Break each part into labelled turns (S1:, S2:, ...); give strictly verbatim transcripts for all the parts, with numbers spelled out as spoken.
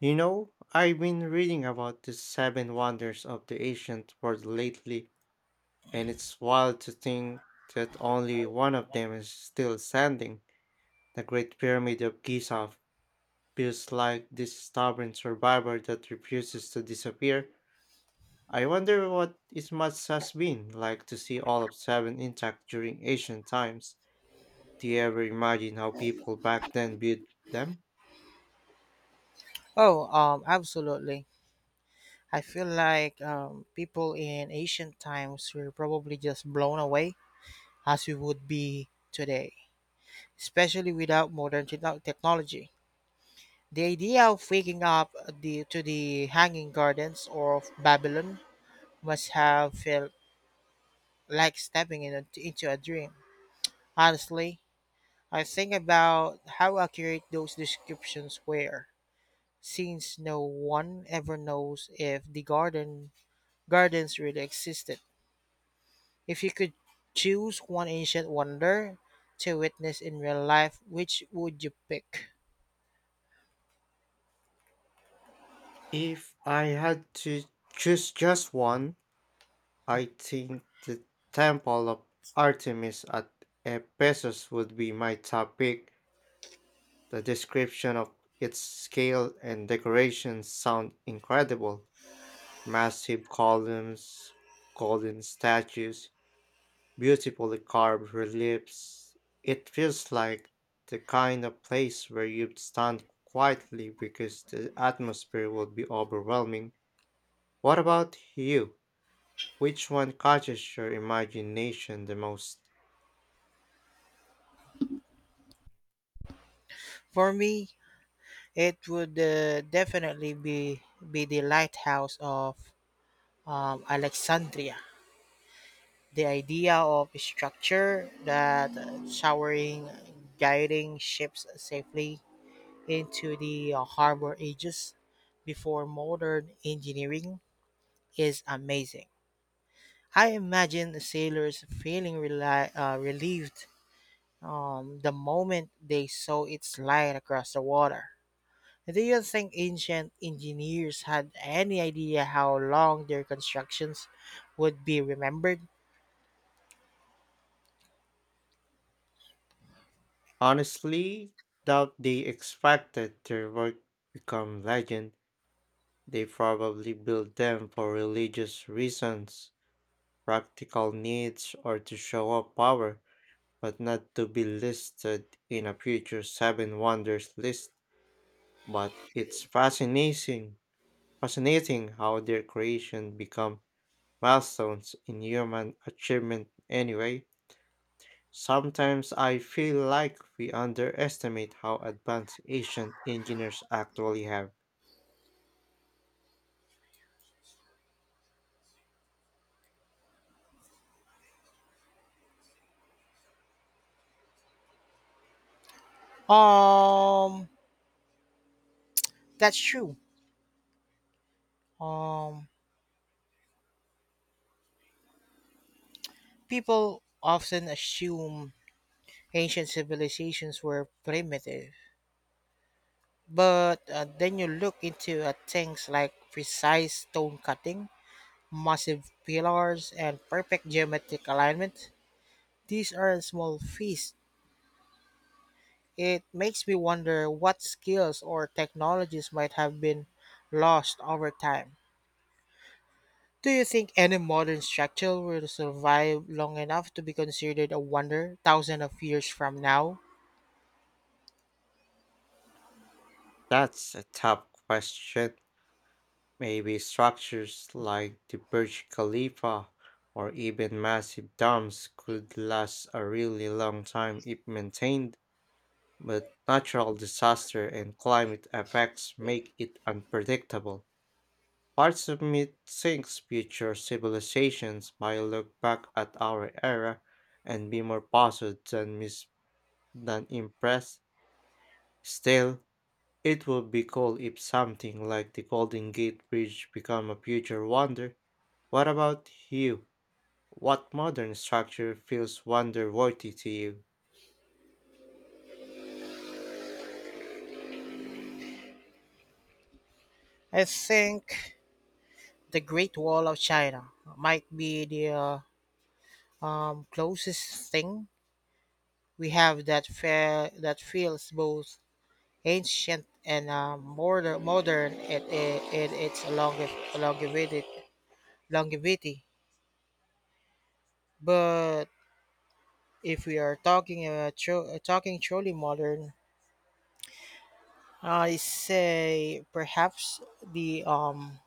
S1: You know, I've been reading about the seven wonders of the ancient world lately, and it's wild to think that only one of them is still standing. The Great Pyramid of Giza feels like this stubborn survivor that refuses to disappear. I wonder what it must has been like to see all of seven intact during ancient times. Do you ever imagine how people back then viewed them?
S2: Oh, um, absolutely. I feel like um, people in ancient times were probably just blown away as we would be today, especially without modern techno- technology. The idea of waking up the, to the Hanging Gardens of Babylon must have felt like stepping in a- into a dream. Honestly, I think about how accurate those descriptions were, since no one ever knows if the garden gardens really existed. If you could choose one ancient wonder to witness in real life, which would you pick?
S1: If I had to choose just one, I think the Temple of Artemis at Ephesus would be my top pick. The description of its scale and decorations sound incredible. Massive columns, golden statues, beautifully carved reliefs. It feels like the kind of place where you'd stand quietly because the atmosphere would be overwhelming. What about you? Which one catches your imagination the most?
S2: For me, it would uh, definitely be be the lighthouse of um, Alexandria. The idea of a structure that uh, showering, guiding ships safely into the uh, harbor ages before modern engineering is amazing. I imagine the sailors feeling reli- uh, relieved um, the moment they saw its light across the water. Do you think ancient engineers had any idea how long their constructions would be remembered?
S1: Honestly, doubt they expected their work become legend. They probably built them for religious reasons, practical needs, or to show off power, but not to be listed in a future Seven Wonders list. But it's fascinating, fascinating how their creation become milestones in human achievement anyway. Sometimes I feel like we underestimate how advanced ancient engineers actually have.
S2: Um, that's true. Um, People often assume ancient civilizations were primitive, but uh, then you look into uh, things like precise stone cutting, massive pillars, and perfect geometric alignment. These aren't small feats. It makes me wonder what skills or technologies might have been lost over time. Do you think any modern structure will survive long enough to be considered a wonder thousands of years from now?
S1: That's a tough question. Maybe structures like the Burj Khalifa or even massive dams could last a really long time if maintained, but natural disaster and climate effects make it unpredictable. Parts of me thinks future civilizations might look back at our era and be more puzzled than, mis- than impressed. Still, it would be cool if something like the Golden Gate Bridge become a future wonder. What about you? What modern structure feels wonder-worthy to you?
S2: I think the Great Wall of China might be the uh, um, closest thing we have that fair that feels both ancient and uh, modern modern It, it, it it's longev- longevity longevity, but if we are talking uh, tru- uh, talking truly modern, I say perhaps the um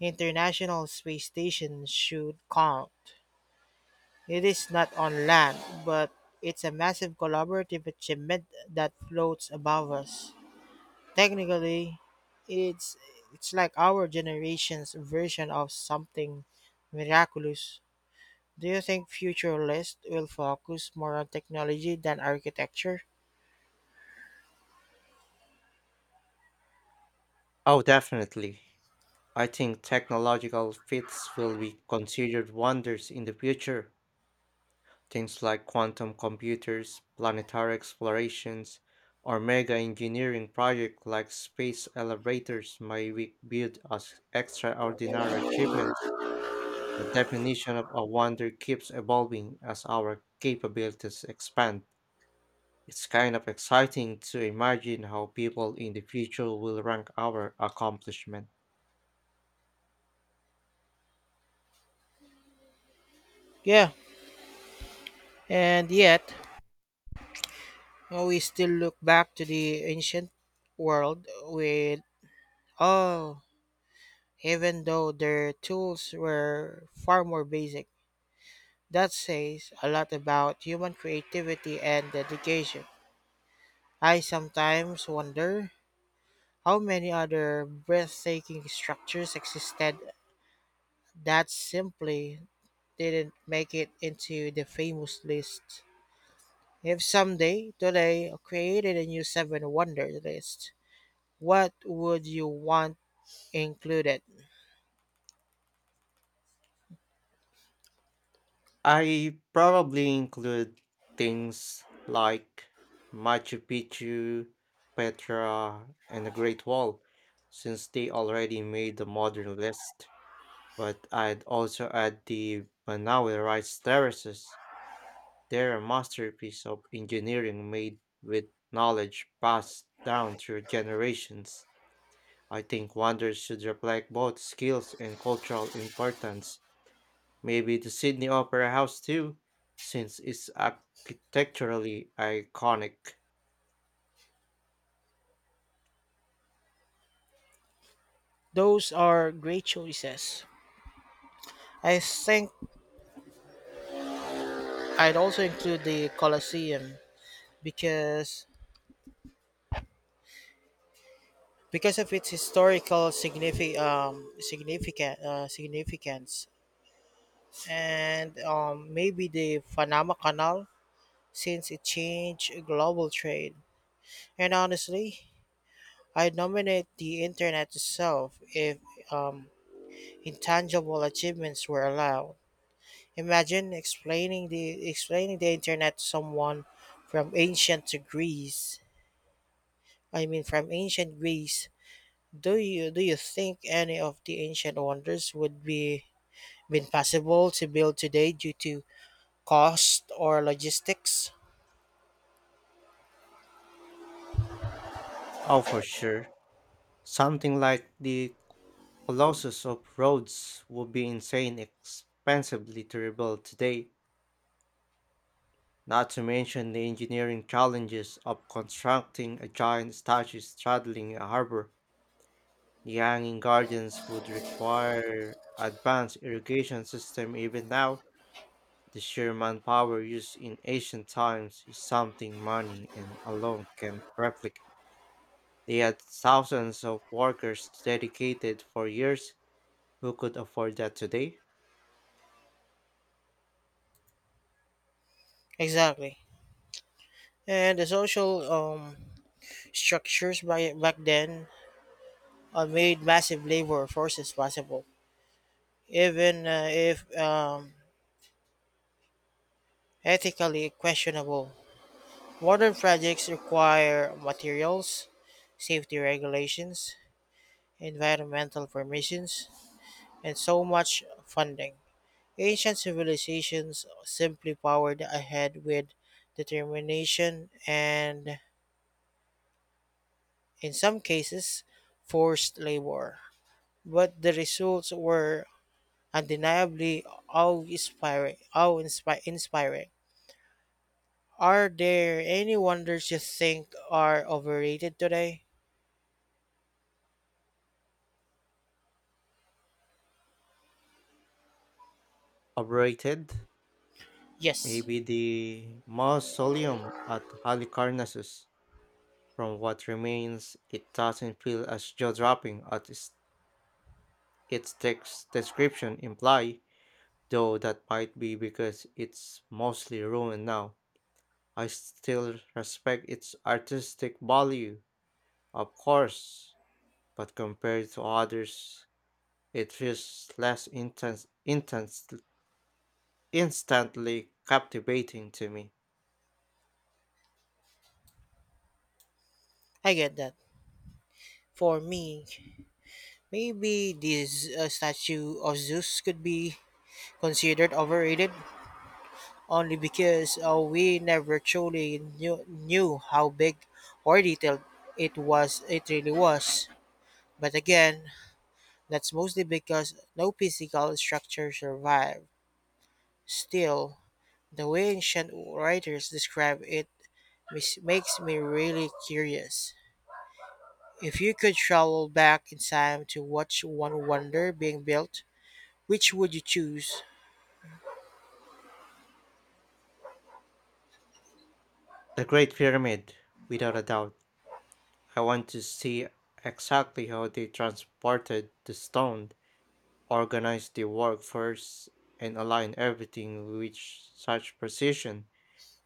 S2: international space station should count. It is not on land, but it's a massive collaborative achievement that floats above us. Technically, it's it's like our generation's version of something miraculous. Do you think future lists will focus more on technology than architecture?
S1: Oh, definitely. I think technological feats will be considered wonders in the future. Things like quantum computers, planetary explorations, or mega engineering projects like space elevators might be viewed as extraordinary achievements. The definition of a wonder keeps evolving as our capabilities expand. It's kind of exciting to imagine how people in the future will rank our accomplishments.
S2: Yeah, and yet we still look back to the ancient world with, oh, even though their tools were far more basic. That says a lot about human creativity and dedication. I sometimes wonder, how many other breathtaking structures existed that simply didn't make it into the famous list? If someday today created a new seven wonder list, what would you want included?
S1: I probably include things like Machu Picchu, Petra, and the Great Wall, since they already made the modern list. But I'd also add the Manawi Rice Terraces. They're a masterpiece of engineering made with knowledge passed down through generations. I think wonders should reflect both skills and cultural importance. Maybe the Sydney Opera House too, since it's architecturally iconic.
S2: Those are great choices. I think I'd also include the Colosseum because because of its historical signifi- um, significant uh, significance. And um, maybe the Panama Canal, since it changed global trade. And honestly, I nominate the internet itself if um, intangible achievements were allowed. Imagine explaining the explaining the internet to someone from ancient to Greece. I mean, from ancient Greece. Do you do you think any of the ancient wonders would be been possible to build today due to cost or logistics?
S1: Oh, for sure. Something like the Colossus of Rhodes would be insane expensively to rebuild today, not to mention the engineering challenges of constructing a giant statue straddling a harbor. The hanging gardens would require advanced irrigation system even now. The sheer manpower used in ancient times is something money and alone can replicate. They had thousands of workers dedicated for years who could afford that today.
S2: Exactly. And the social um, structures by, back then uh, made massive labor forces possible, even uh, if um, ethically questionable. Modern projects require materials, safety regulations, environmental permissions, and so much funding. Ancient civilizations simply powered ahead with determination and, in some cases, forced labor, but the results were undeniably awe-inspiring. awe-inspiring. Are there any wonders you think are overrated today?
S1: Operated
S2: Yes,
S1: maybe the mausoleum at Halicarnassus. From what remains, it doesn't feel as jaw-dropping as its its text description imply, though that might be because it's mostly ruined now. I still respect its artistic value, of course, but compared to others, it feels less intense, intense, instantly captivating to me.
S2: I get that. For me, maybe this uh, statue of Zeus could be considered overrated only because uh, we never truly knew, knew how big or detailed it was it really was. But again, that's mostly because no physical structure survived. Still, the way ancient writers describe it mis- makes me really curious. If you could travel back in time to watch one wonder being built, which would you choose?
S1: The Great Pyramid, without a doubt. I want to see exactly how they transported the stone, organized the workforce, and aligned everything with such precision.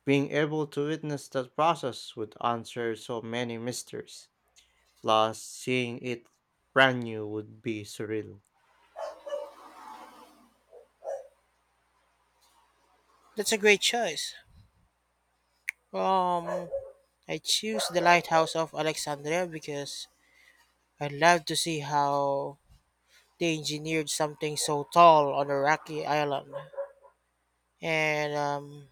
S1: Being able to witness that process would answer so many mysteries. Plus, seeing it brand new would be surreal.
S2: That's a great choice. Um, I choose the lighthouse of Alexandria because I'd love to see how they engineered something so tall on a rocky island. And um,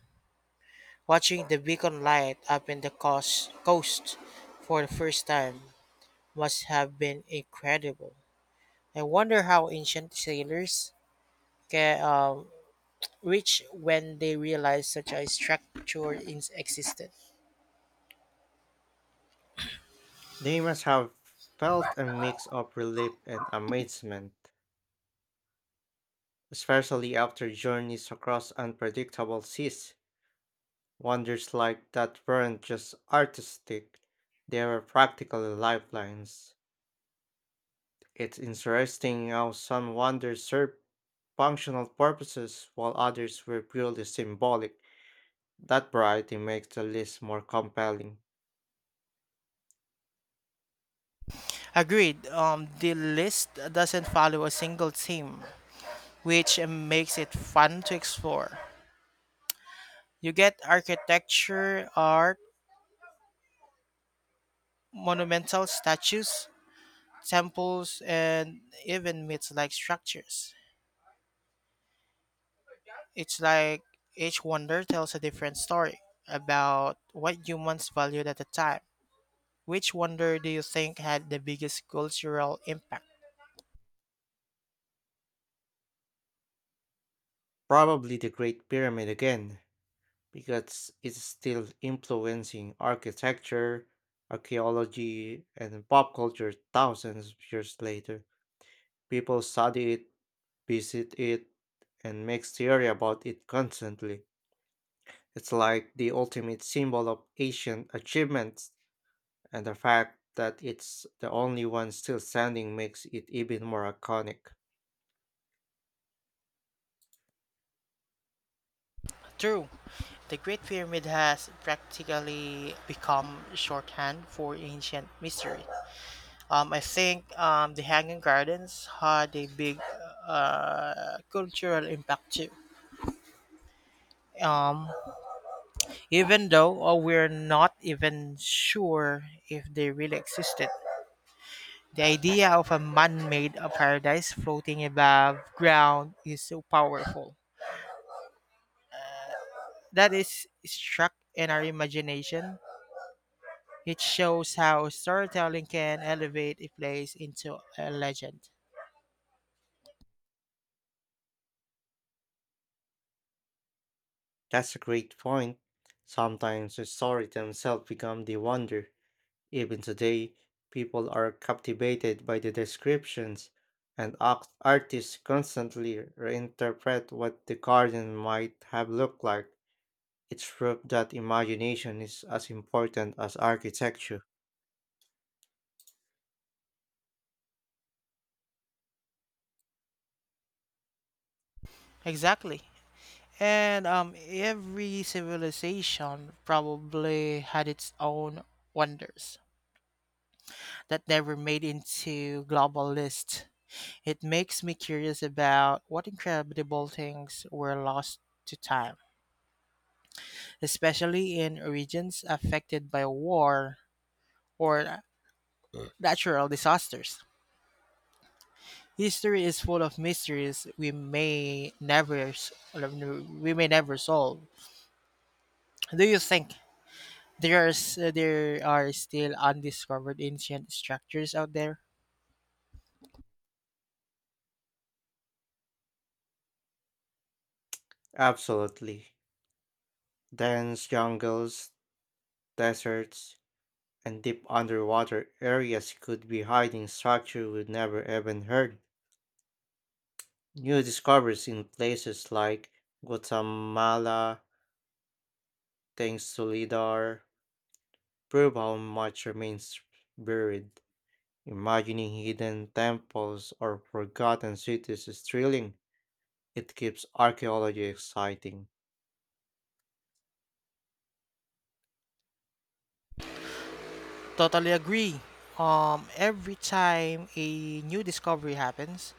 S2: watching the beacon light up in the coast, coast for the first time must have been incredible. I wonder how ancient sailors ca- um, reached when they realized such a structure is existed.
S1: They must have felt a mix of relief and amazement, especially after journeys across unpredictable seas. Wonders like that weren't just artistic, they were practically lifelines. It's interesting how some wonders serve functional purposes while others were purely symbolic. That variety makes the list more compelling.
S2: Agreed. Um, the list doesn't follow a single theme, which makes it fun to explore. You get architecture, art, monumental statues, temples, and even myth-like structures. It's like each wonder tells a different story about what humans valued at the time. Which wonder do you think had the biggest cultural impact?
S1: Probably the Great Pyramid again, because it's still influencing architecture, archaeology, and pop culture thousands of years later. People study it, visit it, and make theory about it constantly. It's like the ultimate symbol of ancient achievements, and the fact that it's the only one still standing makes it even more iconic.
S2: True, the Great Pyramid has practically become shorthand for ancient mystery. Um, I think um, the Hanging Gardens had a big uh, cultural impact too. Um, Even though uh, we're not even sure if they really existed, the idea of a man made paradise floating above ground is so powerful. That is struck in our imagination. It shows how storytelling can elevate a place into a legend.
S1: That's a great point. Sometimes the story themselves become the wonder. Even today, people are captivated by the descriptions, and art- artists constantly reinterpret what the garden might have looked like. It's proof that imagination is as important as architecture.
S2: Exactly. And um, every civilization probably had its own wonders that never made into global lists. It makes me curious about what incredible things were lost to time, especially in regions affected by war or natural disasters. History is full of mysteries we may never s- we may never solve. Do you think there's there are still undiscovered ancient structures out there?
S1: Absolutely. Dense jungles, deserts, and deep underwater areas could be hiding structure we've never even heard. New discoveries in places like Guatemala, thanks to LIDAR, prove how much remains buried. Imagining hidden temples or forgotten cities is thrilling. It keeps archaeology exciting.
S2: Totally agree. Um, every time a new discovery happens,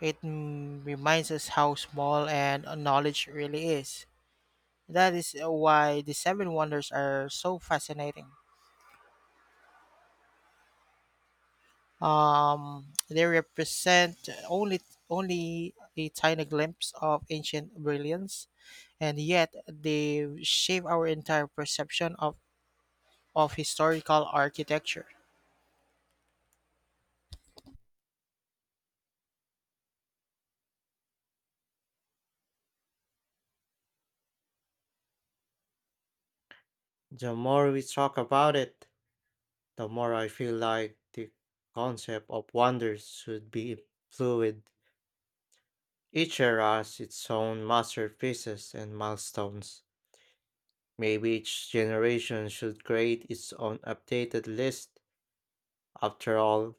S2: it, mm, reminds us how small and knowledge really is. That is why the Seven Wonders are so fascinating. Um, they represent only only a tiny glimpse of ancient brilliance, and yet they shape our entire perception of, of historical architecture.
S1: The more we talk about it, the more I feel like the concept of wonder should be fluid. Each era has its own masterpieces and milestones. Maybe each generation should create its own updated list. After all,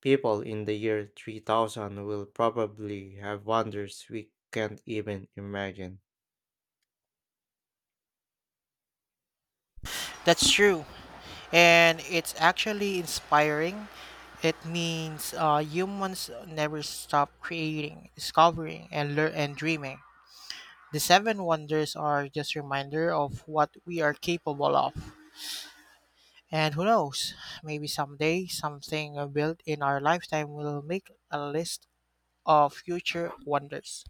S1: people in the year three thousand will probably have wonders we can't even imagine.
S2: That's true, and it's actually inspiring. It means uh, humans never stop creating, discovering, and learn and dreaming. The seven wonders are just reminder of what we are capable of. And who knows, maybe someday something uh, built in our lifetime will make a list of future wonders.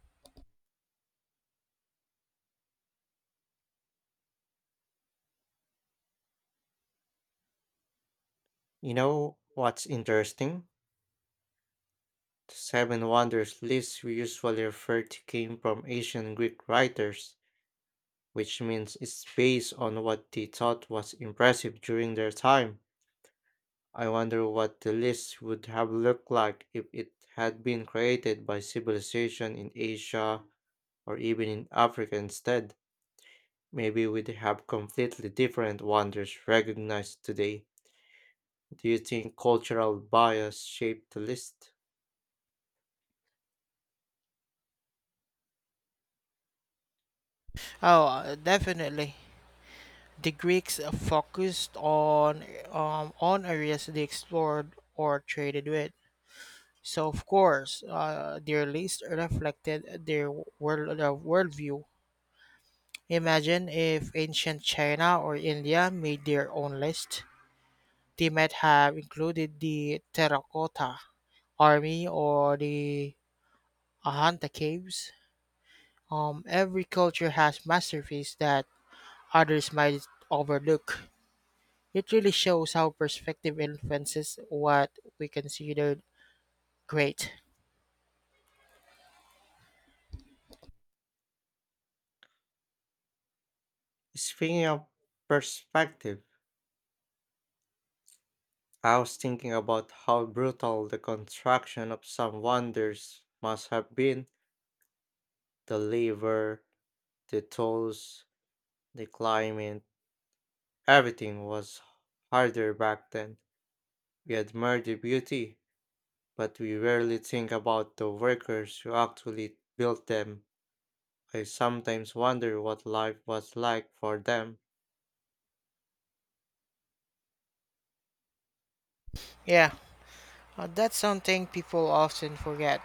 S1: You know what's interesting? The seven wonders list we usually refer to came from ancient Greek writers, which means it's based on what they thought was impressive during their time. I wonder what the list would have looked like if it had been created by civilization in Asia or even in Africa instead. Maybe we'd have completely different wonders recognized today. Do you think cultural bias shaped the list?
S2: Oh, uh, definitely. The Greeks uh, focused on um, on areas they explored or traded with. So of course, uh, their list reflected their world their worldview. Imagine if ancient China or India made their own list. They might have included the Terracotta Army or the Ahanta Caves. Um, every culture has masterpieces that others might overlook. It really shows how perspective influences what we consider great.
S1: Speaking of perspective, I was thinking about how brutal the construction of some wonders must have been. The labor, the tools, the climate, everything was harder back then. We admire the beauty, but we rarely think about the workers who actually built them. I sometimes wonder what life was like for them.
S2: Yeah, uh, that's something people often forget.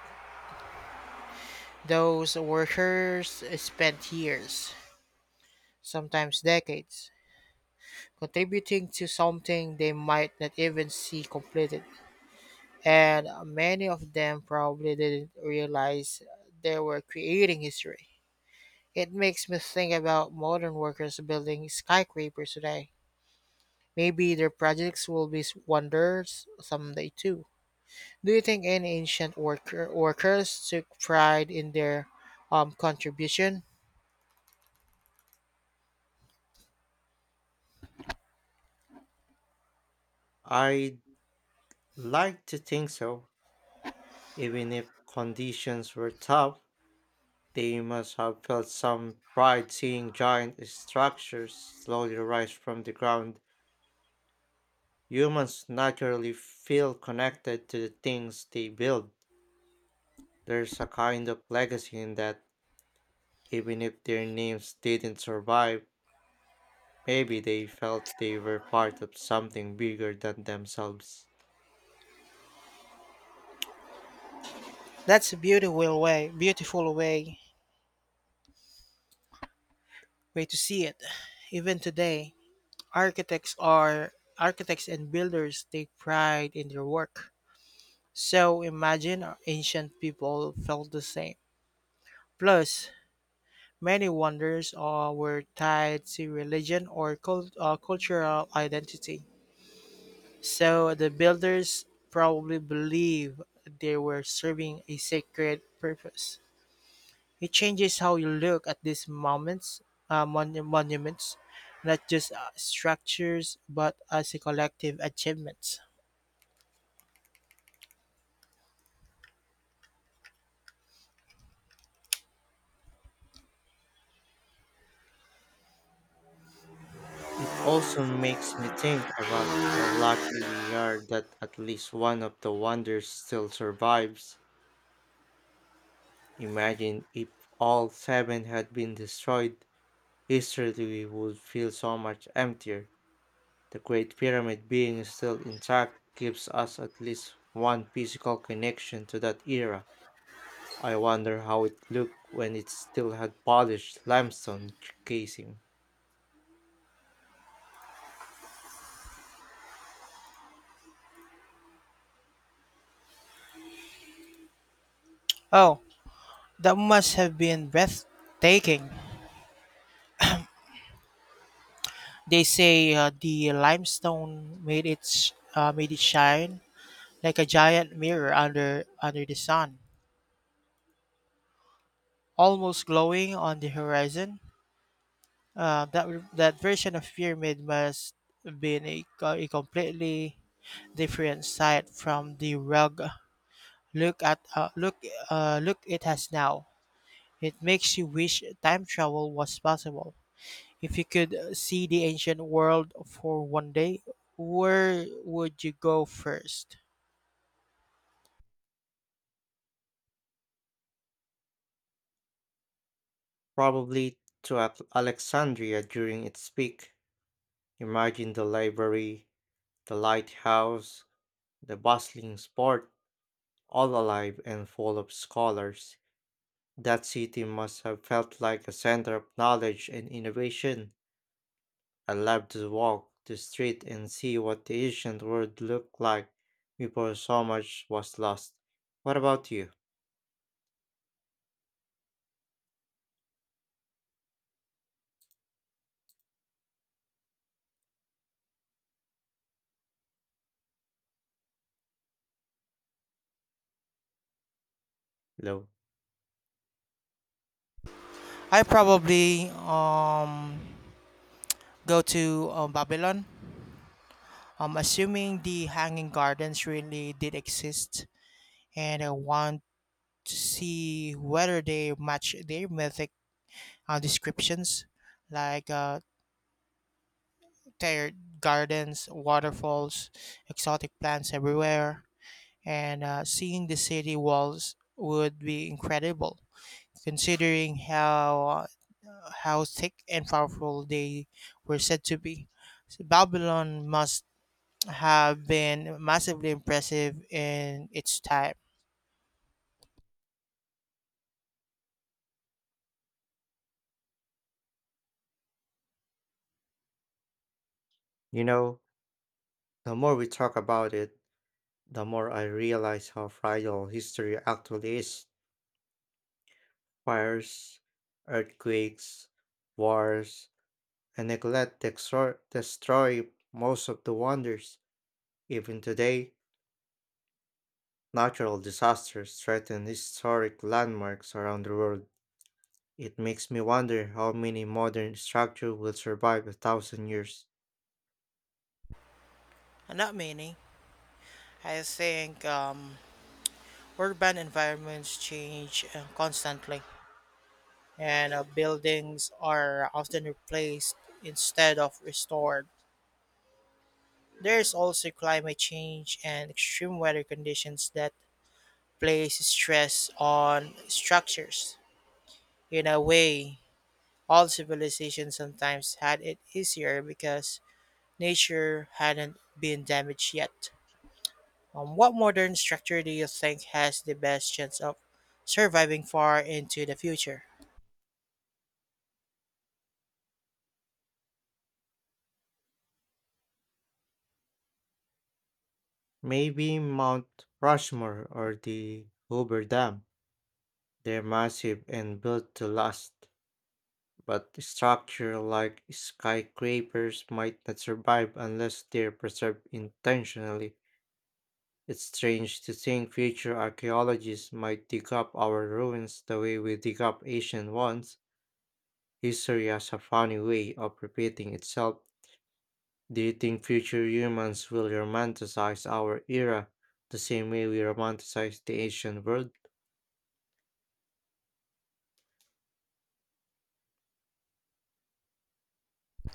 S2: Those workers spent years, sometimes decades, contributing to something they might not even see completed, and many of them probably didn't realize they were creating history. It makes me think about modern workers building skyscrapers today. Maybe their projects will be wonders someday too. Do you think any ancient worker, workers took pride in their um, contribution?
S1: I'd like to think so. Even if conditions were tough, they must have felt some pride seeing giant structures slowly rise from the ground. Humans naturally feel connected to the things they build. There's a kind of legacy in that. Even if their names didn't survive, maybe they felt they were part of something bigger than themselves.
S2: That's a beautiful way, beautiful way, way to see it. Even today, architects are architects and builders take pride in their work. So imagine our ancient people felt the same. Plus, many wonders uh, were tied to religion or cult- uh, cultural identity. So the builders probably believe they were serving a sacred purpose. It changes how you look at these moments, uh, monu- monuments, not just uh, structures, but as a collective achievement.
S1: It also makes me think about how lucky we are that at least one of the wonders still survives. Imagine if all seven had been destroyed, history would feel so much emptier. The Great Pyramid being still intact gives us at least one physical connection to that era. I wonder how it looked when it still had polished limestone casing,
S2: Oh, that must have been breathtaking. They say uh, the limestone made it sh- uh, made it shine like a giant mirror under under the sun, almost glowing on the horizon. Uh, that that version of pyramid must have been a, co- a completely different sight from the rug. Look at uh, look uh, look it has now. It makes you wish time travel was possible. If you could uh, see the ancient world for one day, where would you go first?
S1: probably to Al- Alexandria during its peak. Imagine the library, the lighthouse, the bustling sport, all alive and full of scholars. That city must have felt like a center of knowledge and innovation. I loved to walk the street and see what the ancient world looked like before so much was lost. What about you, Lo?
S2: I probably um go to uh, Babylon. Um, assuming the Hanging Gardens really did exist, and I want to see whether they match their mythic uh, descriptions, like uh, their gardens, waterfalls, exotic plants everywhere, and uh, seeing the city walls would be incredible, considering how uh, how thick and powerful they were said to be. So Babylon must have been massively impressive in its time.
S1: You know, the more we talk about it, the more I realize how fragile history actually is. Fires, earthquakes, wars, and neglect to extro- destroy most of the wonders. Even today, natural disasters threaten historic landmarks around the world. It makes me wonder how many modern structures will survive a thousand years.
S2: Not many. I think um, urban environments change uh, constantly, and uh, buildings are often replaced instead of restored. There's also climate change and extreme weather conditions that place stress on structures. In a way, all civilizations sometimes had it easier because nature hadn't been damaged yet. Um, what modern structure do you think has the best chance of surviving far into the future?
S1: Maybe Mount Rushmore or the Hoover Dam. They're massive and built to last, but structures like skyscrapers might not survive unless they're preserved intentionally. It's strange to think future archaeologists might dig up our ruins the way we dig up ancient ones. History has a funny way of repeating itself. Do you think future humans will romanticize our era the same way we romanticize the ancient world?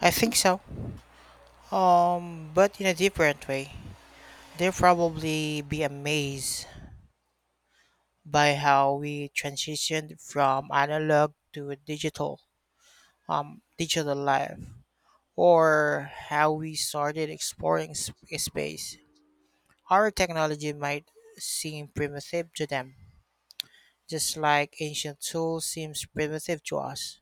S2: I think so. Um, but in a different way. They'll probably be amazed by how we transitioned from analog to digital, um, digital life, or how we started exploring sp- space. Our technology might seem primitive to them, just like ancient tools seems primitive to us.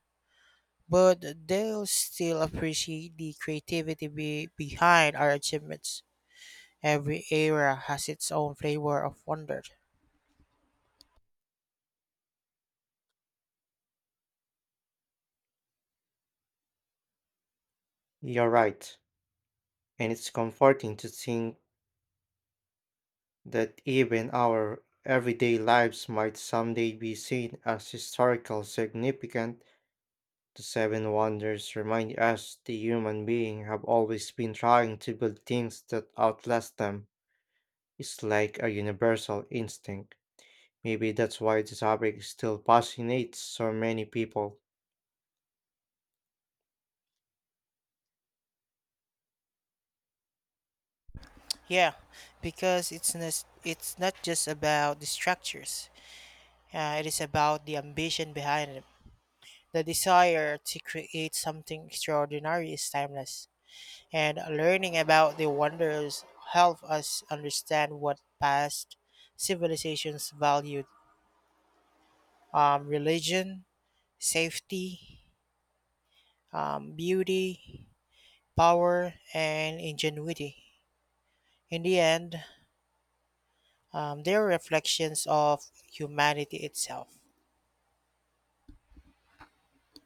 S2: But they'll still appreciate the creativity be- behind our achievements. Every era has its own flavor of wonder.
S1: You're right, and it's comforting to think that even our everyday lives might someday be seen as historical significant. The Seven Wonders remind us the human being have always been trying to build things that outlast them. It's like a universal instinct. Maybe that's why the topic still fascinates so many people.
S2: Yeah, because it's not, it's not just about the structures. Uh, it is about the ambition behind them. The desire to create something extraordinary is timeless, and learning about the wonders help us understand what past civilizations valued: um, religion, safety, um, beauty, power, and ingenuity. In the end, um, they are reflections of humanity itself.